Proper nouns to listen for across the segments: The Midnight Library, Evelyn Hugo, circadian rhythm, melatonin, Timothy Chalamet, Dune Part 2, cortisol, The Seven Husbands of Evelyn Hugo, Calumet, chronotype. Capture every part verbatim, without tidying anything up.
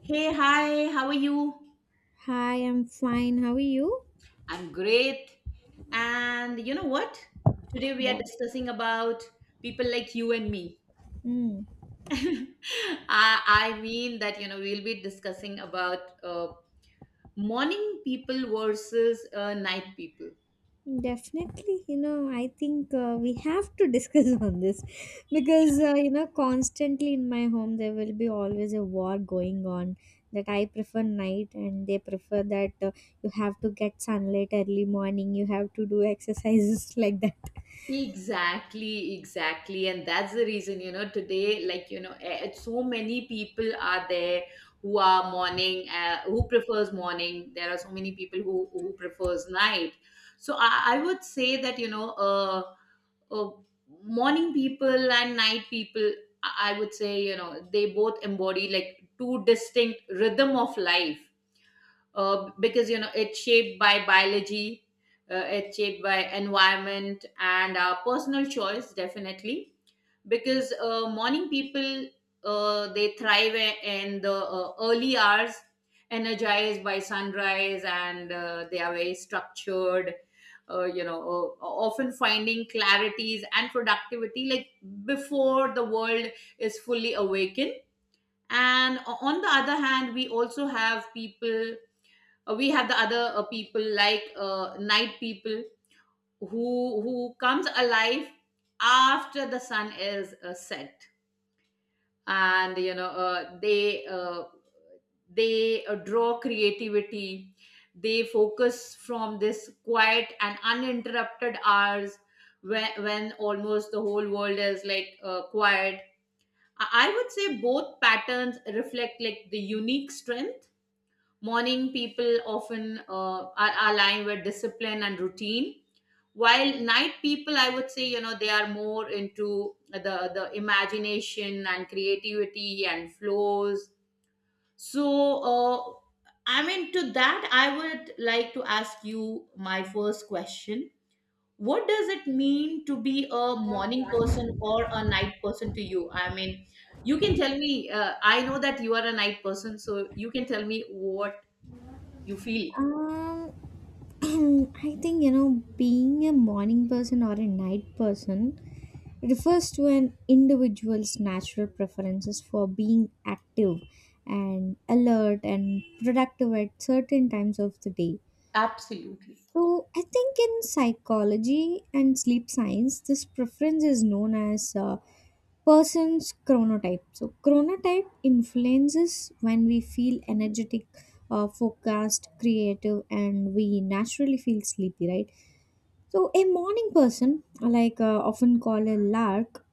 Hey, hi, how are you? Hi, I'm fine. How are you? I'm great. And you know what? Today we are Yeah. discussing about people like you and me. Hmm. I, I mean that, you know, we'll be discussing about uh, morning people versus uh, night people. Definitely, you know, I think uh, we have to discuss on this because, uh, you know, constantly in my home there will be always a war going on that I prefer night and they prefer that uh, you have to get sunlight early morning, you have to do exercises like that. Exactly, exactly. And that's the reason, you know, today, like, you know, eh, eh, so many people are there who are morning, uh, who prefers morning. There are so many people who, who prefers night. So I, I would say that, you know, uh, uh, morning people and night people, I I would say, you know, they both embody like two distinct rhythm of life uh, because you know it's shaped by biology. Uh, it's shaped by environment and our personal choice, definitely, because uh, morning people, uh, they thrive i- in the uh, early hours, energized by sunrise, and uh, they are very structured, uh, you know uh, often finding clarities and productivity like before the world is fully awakened. And o- on the other hand, we also have people, uh, we have the other uh, people like uh, night people who who comes alive after the sun is uh, set. And you know uh, they uh, they uh, draw creativity, they focus from this quiet and uninterrupted hours when, when almost the whole world is like uh, quiet. i I would say both patterns reflect like the unique strength. Morning people often uh, are aligned with discipline and routine, while night people, I would say, you know, they are more into the the imagination and creativity and flows. So, uh, I mean, to that, I would like to ask you my first question. What does it mean to be a morning person or a night person to you? I mean, you can tell me, uh, I know that you are a night person, so you can tell me what you feel. Um, And I think, you know, being a morning person or a night person refers to an individual's natural preferences for being active and alert and productive at certain times of the day. Absolutely. So, I think in psychology and sleep science, this preference is known as a person's chronotype. So, chronotype influences when we feel energetic, uh, focused, creative, and we naturally feel sleepy, right? So, a morning person, like uh, often called a lark,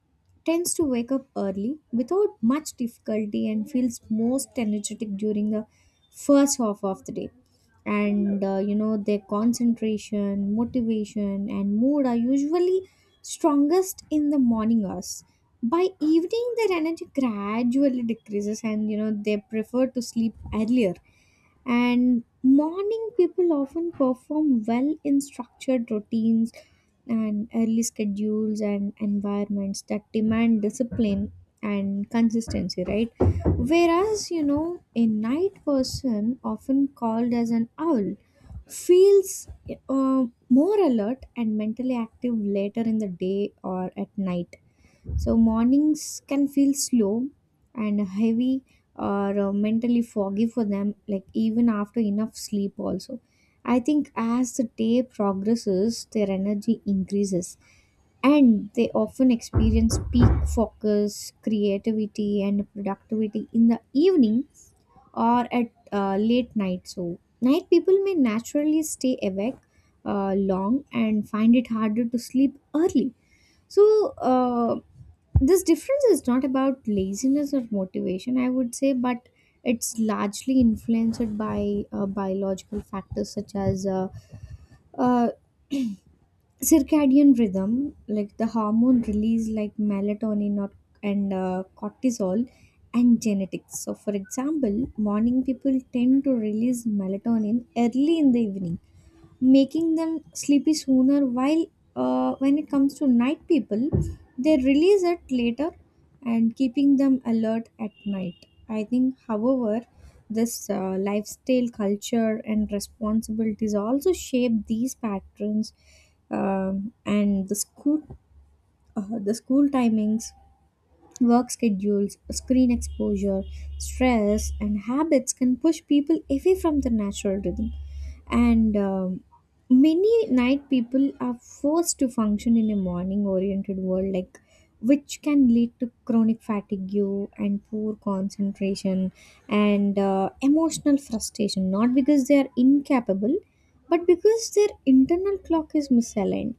tends to wake up early without much difficulty and feels most energetic during the first half of the day. And uh, you know, their concentration, motivation, and mood are usually strongest in the morning hours. By evening, their energy gradually decreases, and you know, they prefer to sleep earlier, and morning people often perform well in structured routines and early schedules and environments that demand discipline and consistency, right? Whereas you know, a night person often called as an owl feels uh, more alert and mentally active later in the day or at night. So mornings can feel slow and heavy or uh, mentally foggy for them, like even after enough sleep, also. I think as the day progresses, their energy increases and they often experience peak focus, creativity, and productivity in the evening or at uh, late night. So, night people may naturally stay awake uh, long and find it harder to sleep early. So, uh, this difference is not about laziness or motivation, I would say, but it's largely influenced by uh, biological factors such as uh, uh, circadian rhythm, like the hormone release, like melatonin, or and uh, cortisol, and genetics. So, for example, morning people tend to release melatonin early in the evening, making them sleepy sooner, while uh, when it comes to night people, they release it later and keeping them alert at night. I think, however, this uh, lifestyle, culture, and responsibilities also shape these patterns. Um, and the school uh, The school timings, work schedules, screen exposure, stress, and habits can push people away from their natural rhythm. And um, many night people are forced to function in a morning oriented world, like which can lead to chronic fatigue and poor concentration and uh, emotional frustration, not because they are incapable, but because their internal clock is misaligned.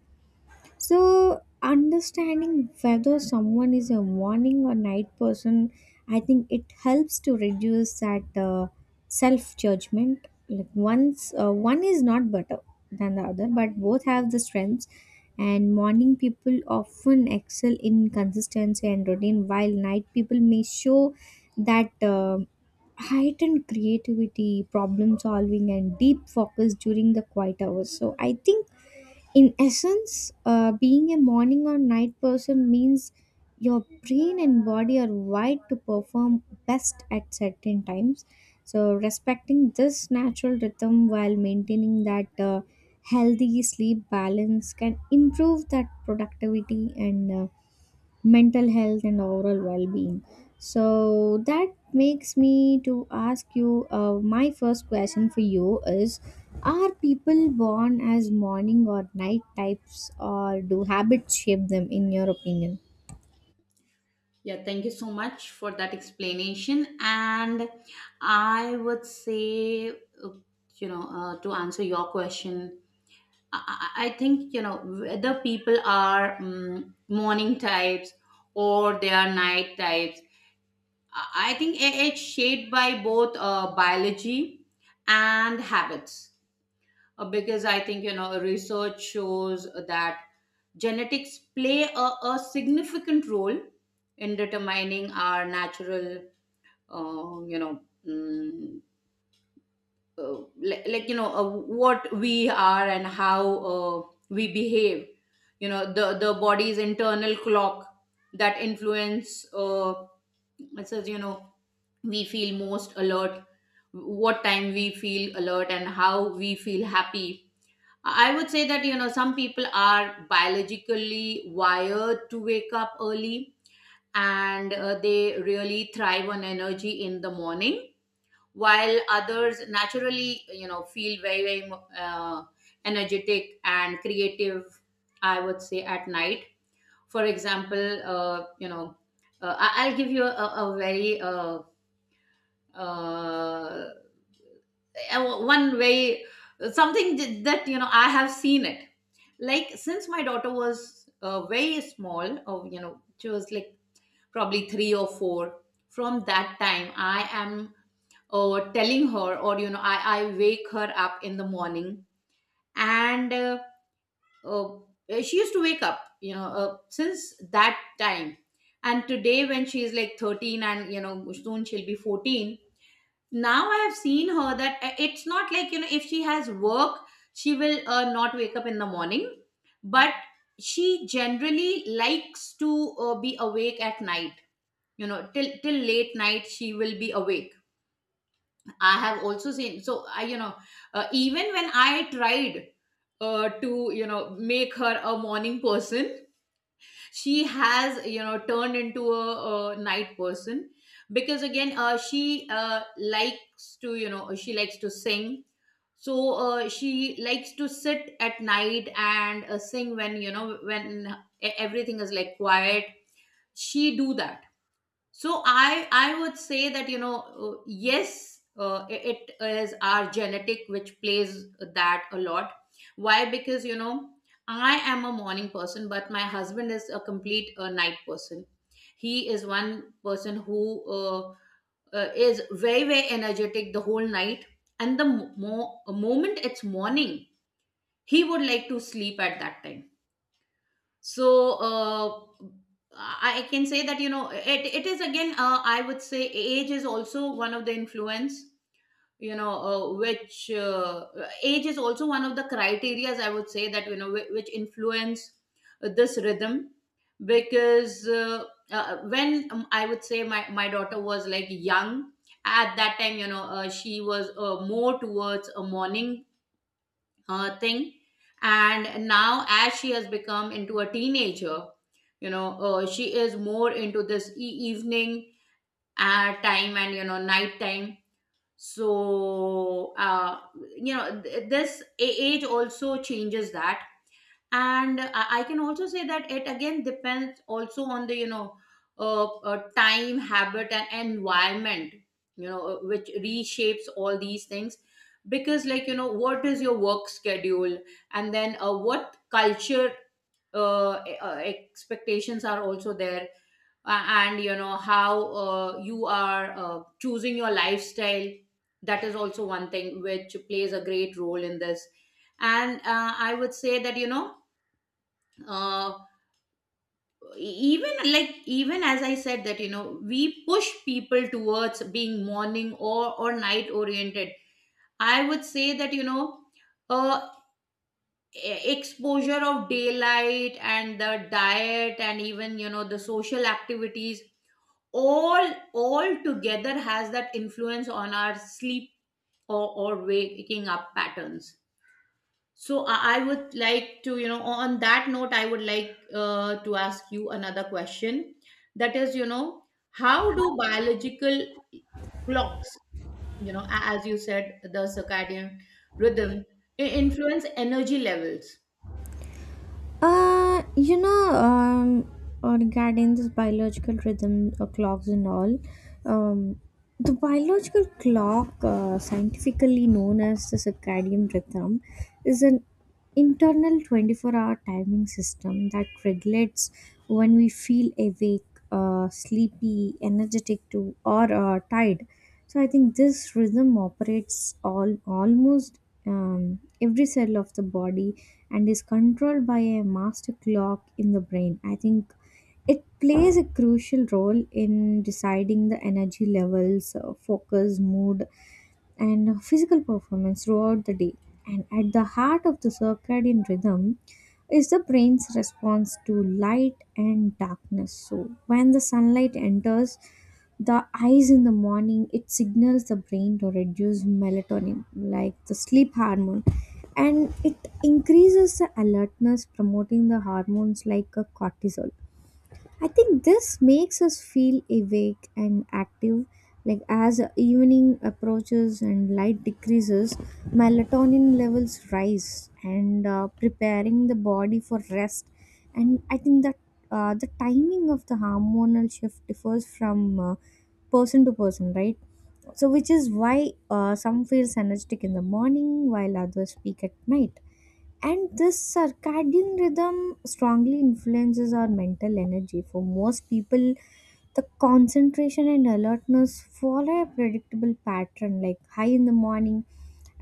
So, understanding whether someone is a morning or night person, I think it helps to reduce that uh, self judgment. Like once uh, one is not better than the other, but both have the strengths. And morning people often excel in consistency and routine, while night people may show that uh, heightened creativity, problem solving, and deep focus during the quiet hours. So, I think in essence, uh, being a morning or night person means your brain and body are wired to perform best at certain times. So, respecting this natural rhythm while maintaining that uh, healthy sleep balance can improve that productivity and uh, mental health and overall well-being. So that makes me to ask you uh, my first question for you is, are people born as morning or night types, or do habits shape them, in your opinion? Yeah, thank you so much for that explanation. And I would say, uh, you know, uh, to answer your question, I, I I think, you know, whether people are um, morning types or they are night types, I I think it- it's shaped by both uh, biology and habits. Uh, because I think, you know, research shows that genetics play a, a significant role in determining our natural, uh, you know, mm, uh, like, like, you know, uh, what we are and how uh, we behave. You know, the, the body's internal clock that influence, uh, it says, you know, we feel most alert, what time we feel alert, and how we feel happy. I would say that, you know, some people are biologically wired to wake up early and uh, they really thrive on energy in the morning, while others naturally, you know, feel very, very uh, energetic and creative, I would say, at night. For example, uh, you know, uh, I- I'll give you a, a very uh, uh, uh, one way, something th- that you know I have seen it, like since my daughter was uh, very small, or you know she was like probably three or four. From that time I am uh, telling her, or you know i i wake her up in the morning. And uh, uh, she used to wake up, you know, uh, since that time. And today when she is like thirteen and you know soon she'll be fourteen, now I have seen her that uh, it's not like, you know, if she has work she will uh, not wake up in the morning, but she generally likes to uh, be awake at night. You know, till till late night she will be awake. I have also seen, so I you know, uh, even when I tried uh, to you know make her a morning person, she has you know turned into a, a night person. Because again uh, she uh, likes to, you know, she likes to sing, so uh, she likes to sit at night and uh, sing when you know when e- everything is like quiet. She do that. So i i would say that, you know, uh, yes, uh, i- it is our genetic which plays that a lot. Why? Because you know I am a morning person, but my husband is a complete uh, night person. He is one person who uh, uh, is very very energetic the whole night, and the mo- mo- moment it's morning he would like to sleep at that time. So uh, i I can say that, you know, it, it is again uh, I would say age is also one of the influence, you know uh, which uh, age is also one of the criterias, I would say that, you know, whi- which influence this rhythm. Because uh, uh, when um, I would say my, my daughter was like young, at that time you know uh, she was uh, more towards a morning uh, thing. And now, as she has become into a teenager, you know, uh, she is more into this e- evening uh, time, and you know night time. So, uh, you know, th- this a- age also changes that. And i I can also say that it again depends also on the you know uh, uh, time, habit, and environment, you know, uh, which reshapes all these things. Because, like, you know, what is your work schedule, and then uh, what culture uh, e- uh, expectations are also there, uh, and you know how uh, you are uh, choosing your lifestyle, that is also one thing which plays a great role in this. And uh, I would say that, you know, uh, e-, even like even as I said that you know we push people towards being morning or or night oriented, I would say that you know uh, e- exposure of daylight and the diet and even you know the social activities all all together has that influence on our sleep, or, or waking up patterns. So I I would like to, you know, on that note, I would like uh, to ask you another question. That is, you know, how do biological clocks, you know, a- as you said, the circadian rhythm i- influence energy levels? Uh, you know, um, or regarding this biological rhythm, uh, clocks and all, um, the biological clock, uh, scientifically known as the circadian rhythm, is an internal twenty-four hour timing system that regulates when we feel awake, uh, sleepy, energetic to or uh, tired. So I think this rhythm operates all almost um, every cell of the body and is controlled by a master clock in the brain. I think it plays a crucial role in deciding the energy levels, uh, focus, mood, and physical performance throughout the day. And at the heart of the circadian rhythm is the brain's response to light and darkness. So, when the sunlight enters the eyes in the morning, it signals the brain to reduce melatonin, like the sleep hormone, and it increases the alertness, promoting the hormones like uh, cortisol. I think this makes us feel awake and active. Like as evening approaches and light decreases, melatonin levels rise and uh, preparing the body for rest. And I think that uh, the timing of the hormonal shift differs from uh, person to person, right? So, which is why uh, some feels energetic in the morning while others peak at night. And this circadian rhythm strongly influences our mental energy. For most people, the concentration and alertness follow a predictable pattern, like high in the morning,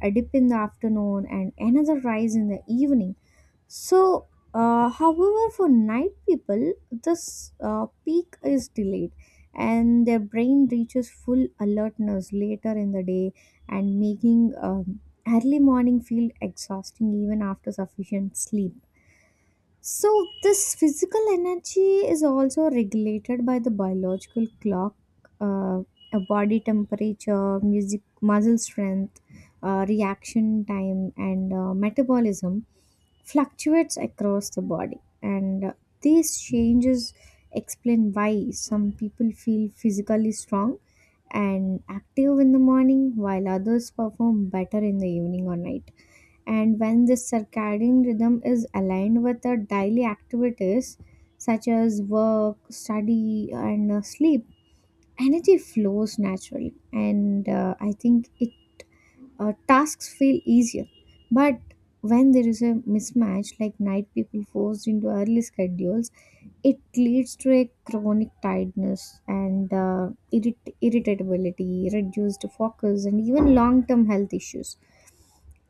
a dip in the afternoon, and another rise in the evening. So, uh, however, for night people, this uh, peak is delayed and their brain reaches full alertness later in the day, and making um, early morning feel exhausting even after sufficient sleep. So, this physical energy is also regulated by the biological clock, uh, a body temperature, music, muscle strength, uh, reaction time, and uh, metabolism fluctuates across the body. And uh, these changes explain why some people feel physically strong and active in the morning, while others perform better in the evening or night. And when this circadian rhythm is aligned with our daily activities such as work, study, and uh, sleep, energy flows naturally. And uh, I think it uh, tasks feel easier. But when there is a mismatch, like night people forced into early schedules, it leads to a chronic tiredness and uh, irrit- irritability, reduced focus, and even long term health issues.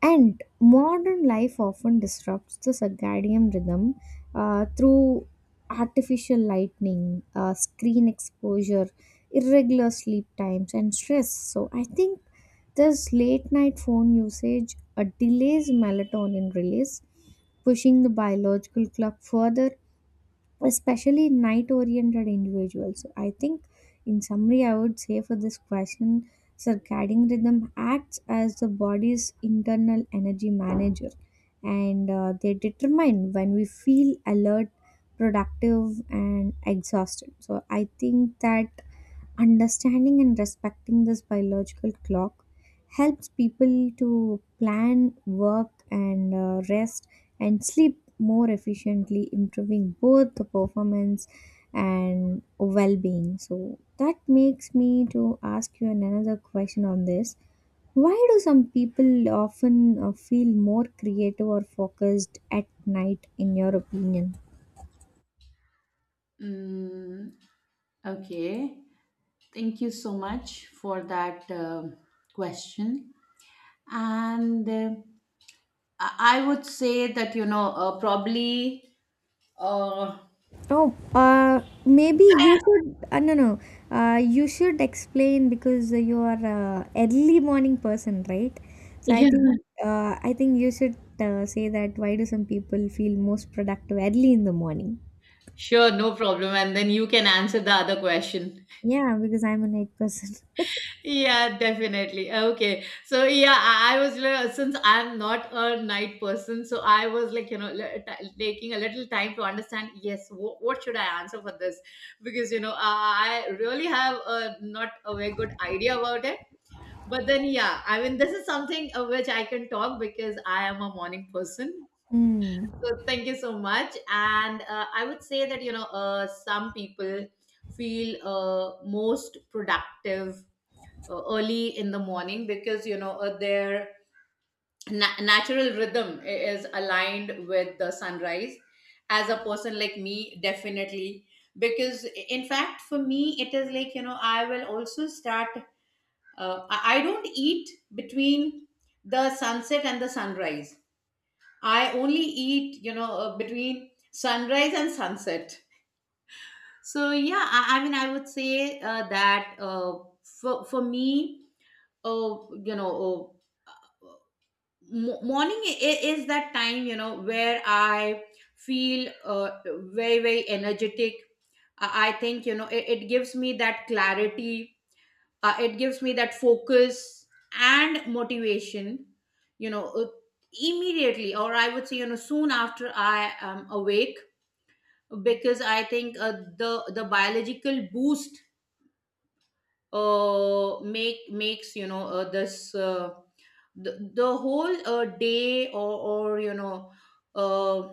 And modern life often disrupts the circadian rhythm uh, through artificial lightning, uh, screen exposure, irregular sleep times, and stress. So, I think this late night phone usage uh, delays melatonin release, pushing the biological clock further, especially night oriented individuals. So, I think in summary, I would say, for this question, circadian rhythm acts as the body's internal energy manager and uh, they determine when we feel alert, productive, and exhausted. So, I think that understanding and respecting this biological clock helps people to plan work and uh, rest and sleep more efficiently, improving both the performance and well-being. So that makes me to ask you another question on this. Why do some people often uh, feel more creative or focused at night, in your opinion? Mm, okay. Thank you so much for that um question. And uh, I I would say that, you know, uh, probably uh, No, uh, maybe you should. Uh, no, no. Uh, you should explain because you are a early morning person, right? So I think uh, I think you should uh, say that. Why do some people feel most productive early in the morning? Sure, no problem. And then you can answer the other question. Yeah, because I'm a night person. Yeah, definitely. Okay. So, yeah, I, I was, li- since I'm not a night person, so I was like, you know, li- t- taking a little time to understand, yes, w- what should I answer for this? Because, you know, I I really have a, not a very good idea about it. But then, yeah, I mean, this is something of which I can talk because I am a morning person. Hmm. So thank you so much. And uh, I would say that, you know, uh, some people feel uh, most productive uh, early in the morning because, you know, uh, their na- natural rhythm i- is aligned with the sunrise. As a person like me, definitely. Because i- in fact, for me, it is like, you know, I will also start, uh, I I don't eat between the sunset and the sunrise. I only eat, you know, uh, between sunrise and sunset. So yeah, I, I mean, I would say uh, that uh, for for me, uh, you know, uh, mo- morning i- is that time you know where I feel uh, very very energetic. I, I think you know it, it gives me that clarity. Uh, it gives me that focus and motivation. You know, uh, immediately, or I would say you know soon after I am awake. Because I think uh, the the biological boost uh, make makes you know uh, this uh, the, the whole uh, day, or, or you know uh,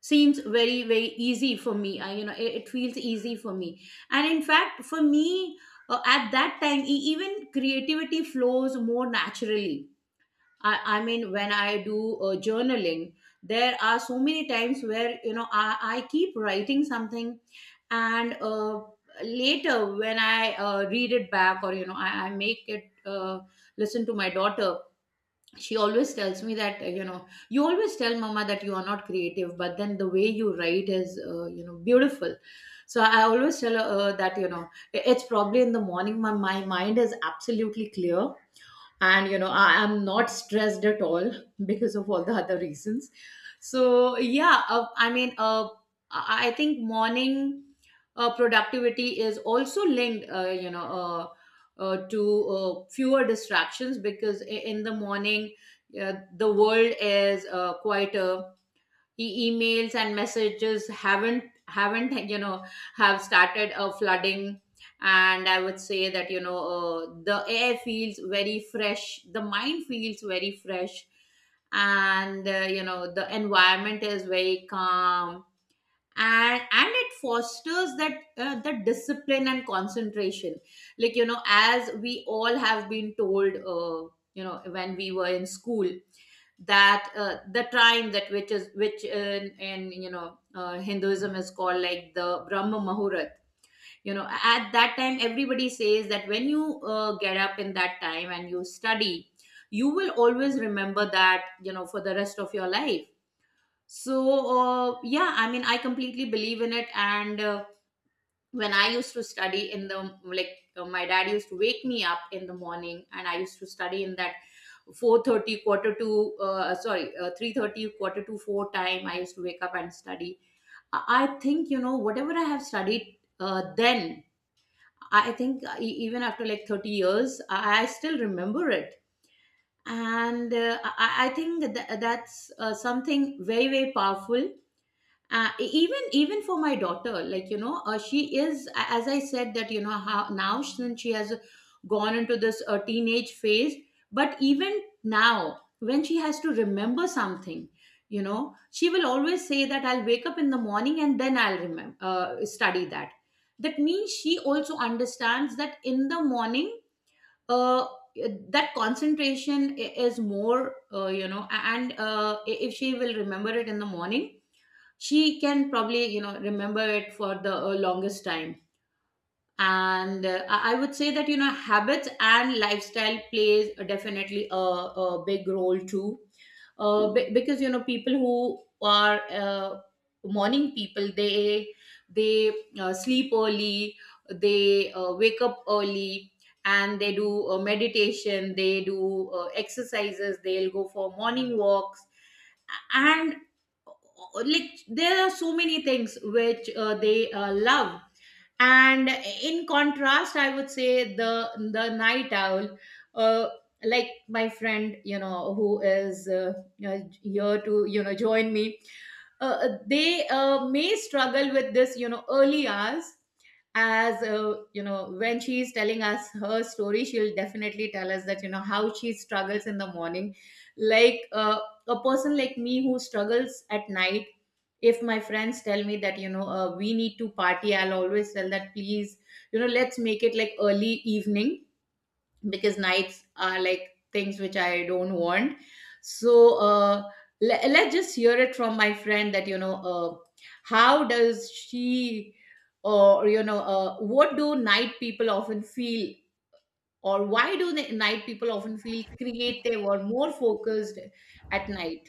seems very very easy for me. I, you know it, it feels easy for me, and in fact for me uh, at that time e- even creativity flows more naturally. I, I mean when I do uh, journaling, there are so many times where you know I, I keep writing something, and uh, later when I uh, read it back, or you know i, I make it uh, listen to my daughter. She always tells me that, uh, you know you always tell mama that you are not creative, but then the way you write is, uh, you know beautiful. So I always tell her, uh, that, you know it's probably in the morning, my, my mind is absolutely clear and you know I am not stressed at all because of all the other reasons. So yeah, uh, I mean, uh, i I think morning uh, productivity is also linked uh, you know uh, uh, to uh, fewer distractions, because i- in the morning, uh, the world is uh, quieter. E- emails and messages haven't haven't you know have started uh, flooding, and I would say that you know uh, the air feels very fresh, the mind feels very fresh, and uh, you know the environment is very calm. And and it fosters that, uh, the discipline and concentration, like you know as we all have been told, uh, you know when we were in school, that uh, the time that which is which in, in you know uh, Hinduism is called like the Brahma Muhurat. You know at that time everybody says that when you uh, get up in that time and you study, you will always remember that, you know for the rest of your life. So, uh, yeah, I mean, I completely believe in it. And uh, when I used to study in the, like, uh, my dad used to wake me up in the morning, and I used to study in that four thirty, quarter to uh, sorry, uh, three thirty, quarter to four time. I used to wake up and study. I I think you know whatever I have studied, uh, then. I think uh, e- even after like thirty years, I I still remember it, and uh, I, I think that that's uh, something very, very powerful, uh, e-, even even for my daughter, like you know uh, she is, as I said, that you know how now, since she has gone into this uh, teenage phase, but even now when she has to remember something, you know she will always say that I'll wake up in the morning and then I'll remember, uh, study that. That means she also understands that in the morning, uh, that concentration i- is more, uh, you know a- and uh, i- if she will remember it in the morning, she can probably you know remember it for the uh, longest time. And uh, i I would say that you know habits and lifestyle plays, a- definitely a, a big role too. uh, be- because you know people who are uh, morning people, they they uh, sleep early, they uh, wake up early, and they do uh, meditation, they do uh, exercises, they'll go for morning walks, and uh, like there are so many things which uh, they uh, love. And in contrast, I would say the the night owl, uh, like my friend, you know who is, uh, you know, here to you know join me, uh, they uh, may struggle with this, you know early hours, as uh, you know when she is telling us her story, she'll definitely tell us that, you know how she struggles in the morning. Like, uh, a person like me who struggles at night, if my friends tell me that, you know uh, we need to party, I'll always tell that, please, you know let's make it like early evening, because nights are like things which I don't want. So, uh, le- let's just hear it from my friend that, you know uh, how does she, or you know uh, what do night people often feel, or why do the night people often feel creative or more focused at night?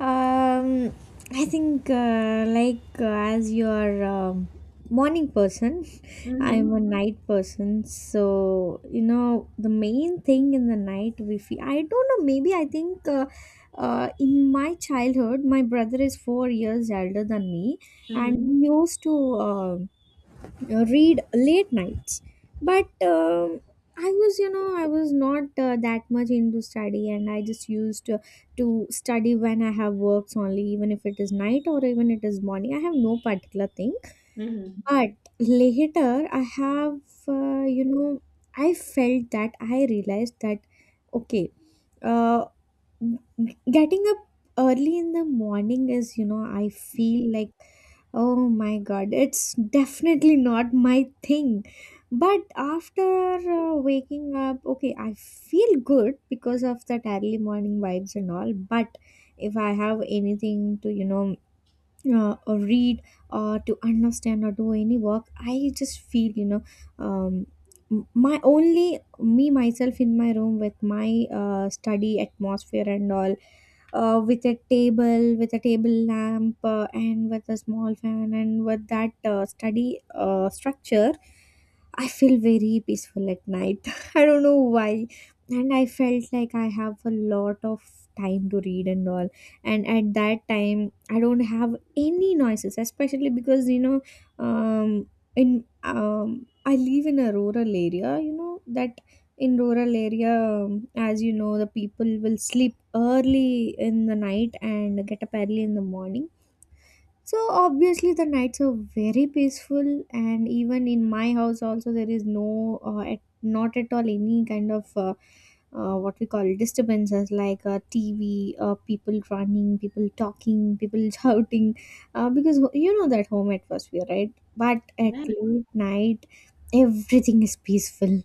Um, I think uh, like uh, as your um, morning person, I'm Mm-hmm. a night person. So you know, the main thing, in the night we feel, I don't know. Maybe I think uh, uh, in my childhood, my brother is four years older than me, and Mm-hmm. he used to. Uh, uh, read late nights, but um, I was, you know, I was not uh, that much into study and I just used to, to study when I have works only, even if it is night or even it is morning I have no particular thing. Mm-hmm. But later I have uh, you know, I felt that I realized that okay, uh, getting up early in the morning is, you know, I feel like, oh my God, it's definitely not my thing. But after uh, waking up, okay, I feel good because of that early morning vibes and all. But if I have anything to, you know, uh, or read or to understand or do any work, I just feel, you know, um, m- my only me myself in my room with my uh, study atmosphere and all, uh, with a table with a table lamp uh, and with a small fan and with that uh, study uh, structure, I feel very peaceful at night. I don't know why, and I felt like I have a lot of time to read and all. And at that time I don't have any noises, especially because you know, um, in um, I live in a rural area, you know that. In rural area, um, as you know, the people will sleep early in the night and get up early in the morning. So obviously the nights are very peaceful, and even in my house also there is no, uh, at, not at all any kind of uh, uh, what we call disturbances like uh, T V, uh, people running, people talking, people shouting, uh, because you know that home atmosphere, right? But at late night everything is peaceful,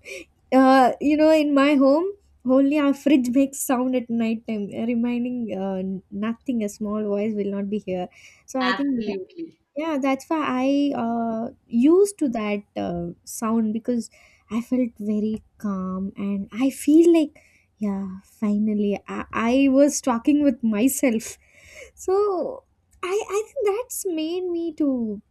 uh, you know, in my home, only our fridge makes sound at night time, uh, reminding uh, nothing. A small voice will not be here. So I think, tha- Absolutely. yeah, that's why I uh, used to that uh, sound because I felt very calm and I feel like, yeah, finally, I, I was talking with myself. So I I think that's made me to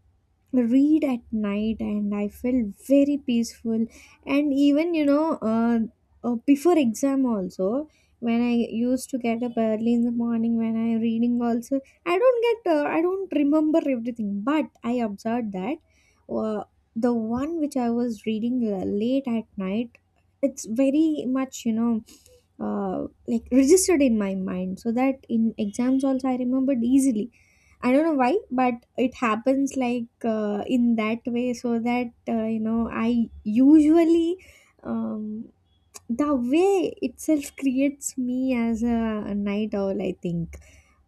read at night, and I felt very peaceful. And even you know, uh, uh, before exam also, when I used to get up early in the morning when I reading also, I don't get uh, I don't remember everything, but I observed that uh, the one which I was reading uh, late at night, it's very much you know, uh, like registered in my mind, so that in exams also I remembered easily. I don't know why, but it happens like uh, in that way. So that uh, you know, I usually, um, the way itself creates me as a, a night owl I think.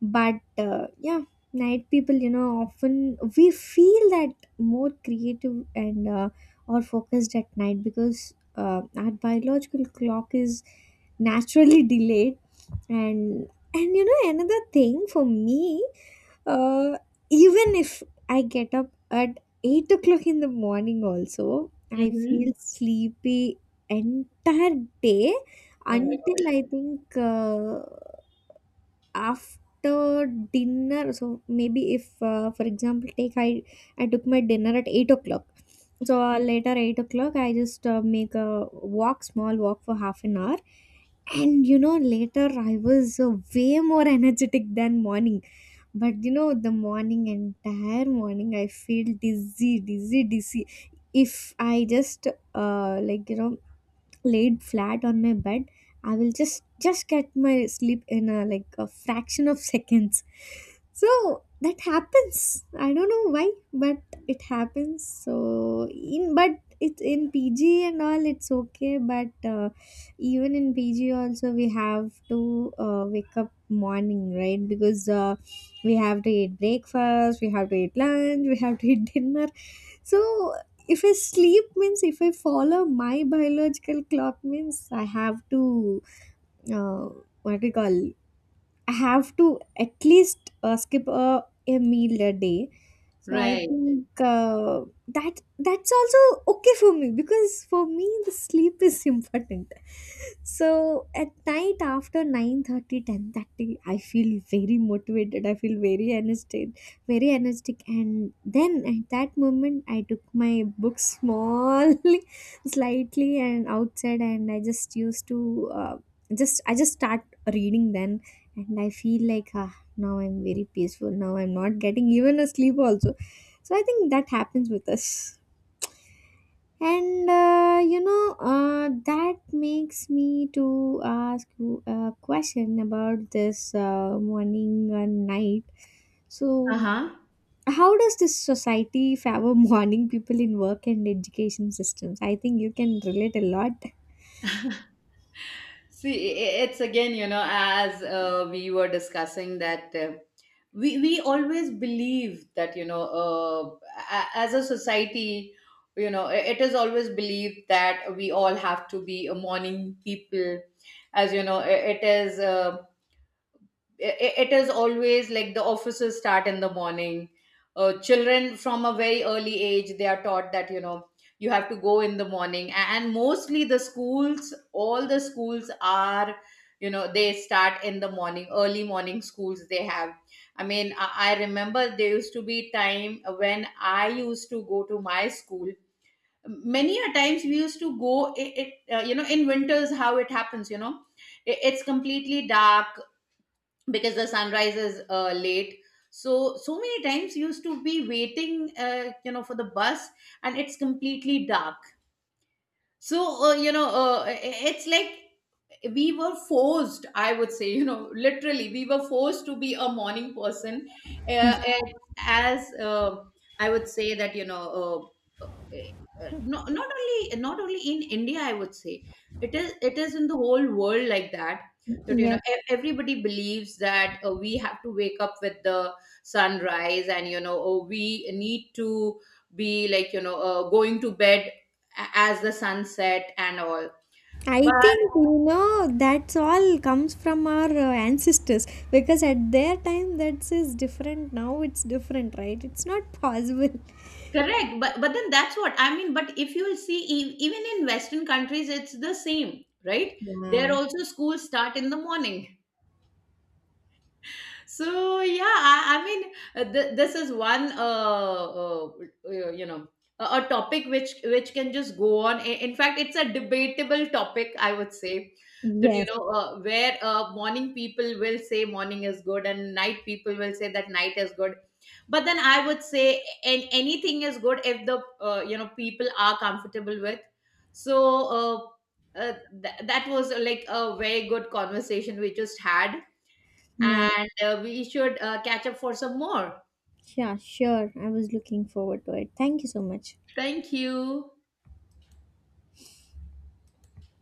But uh, yeah, night people you know, often we feel that more creative and uh, or focused at night, because uh, our biological clock is naturally delayed. And and you know, another thing for me, uh, even if I get up at eight o'clock in the morning also, I Mm-hmm. feel sleepy entire day Oh my until God. I think uh, after dinner. So maybe if uh, for example take, i i took my dinner at eight o'clock, so uh, later eight o'clock I just uh, make a walk, small walk for half an hour, and you know later I was uh, way more energetic than morning. But you know, the morning, entire morning I feel dizzy, dizzy, dizzy. If I just uh, like you know, laid flat on my bed, I will just just get my sleep in a like a fraction of seconds. So that happens, I don't know why, but it happens. So in, but it's in PG and all it's okay, but uh, even in PG also we have to uh, wake up morning, right? Because uh, we have to eat breakfast, we have to eat lunch, we have to eat dinner. So if I sleep means, if I follow my biological clock means, I have to uh, what do you call, I have to at least uh, skip a, a meal a day. So I Right. think uh, that that's also okay for me, because for me the sleep is important. So at night after nine thirty, ten thirty, I feel very motivated. I feel very energetic, very energetic, and then at that moment I took my book smallly slightly and outside, and I just used to uh, just I just start reading then, and I feel like, ah, now I'm very peaceful, now I'm not getting even a sleep also. So I think that happens with us. And uh, you know, uh, that makes me to ask you a question about this uh, morning and night. So Uh-huh. how does this society favor morning people in work and education systems? I think you can relate a lot. See, i- it's again, you know, as uh, we were discussing that, uh, we we always believe that, you know, uh, a- as a society, you know, i- it is always believed that we all have to be a morning people, as you know, i- it is. Uh, it, it is always like the offices start in the morning. Uh, children from a very early age, they are taught that, you know you have to go in the morning. A- and mostly the schools all the schools are, you know they start in the morning, early morning schools they have. I mean, i, I remember there used to be time when I used to go to my school. Many a times we used to go, it, it uh, you know in winters, how it happens, you know it, it's completely dark because the sunrise is, uh, late. So so many times used to be waiting, uh, you know for the bus, and it's completely dark. So, uh, you know uh, it's like we were forced, I would say, you know literally we were forced to be a morning person. Uh, and, as uh, I would say that, you know uh, uh, not, not only not only in India, I would say, it is it is in the whole world like that, that you know Yes. e- everybody believes that, uh, we have to wake up with the sunrise, and you know oh, we need to be, like you know uh, going to bed a- as the sunset and all. I But think you know, that's all comes from our uh, ancestors, because at their time that is is different. Now it's different, right? It's not possible. correct, but but then that's what I mean, but if you'll see e- even in western countries it's the same, right? There Yeah. also schools start in the morning. So yeah, i, I mean, uh, th- this is one, uh, uh, uh, you know a a topic which which can just go on. I- in fact, it's a debatable topic, I would say, that you Yes. know uh, where uh, morning people will say morning is good and night people will say that night is good. But then I would say, and anything is good if the, uh, you know people are comfortable with. So, uh, uh, th- that was, uh, like a very good conversation we just had, Yeah. and uh, we should uh, catch up for some more. Yeah. Sure. I was looking forward to it. Thank you so much. Thank you.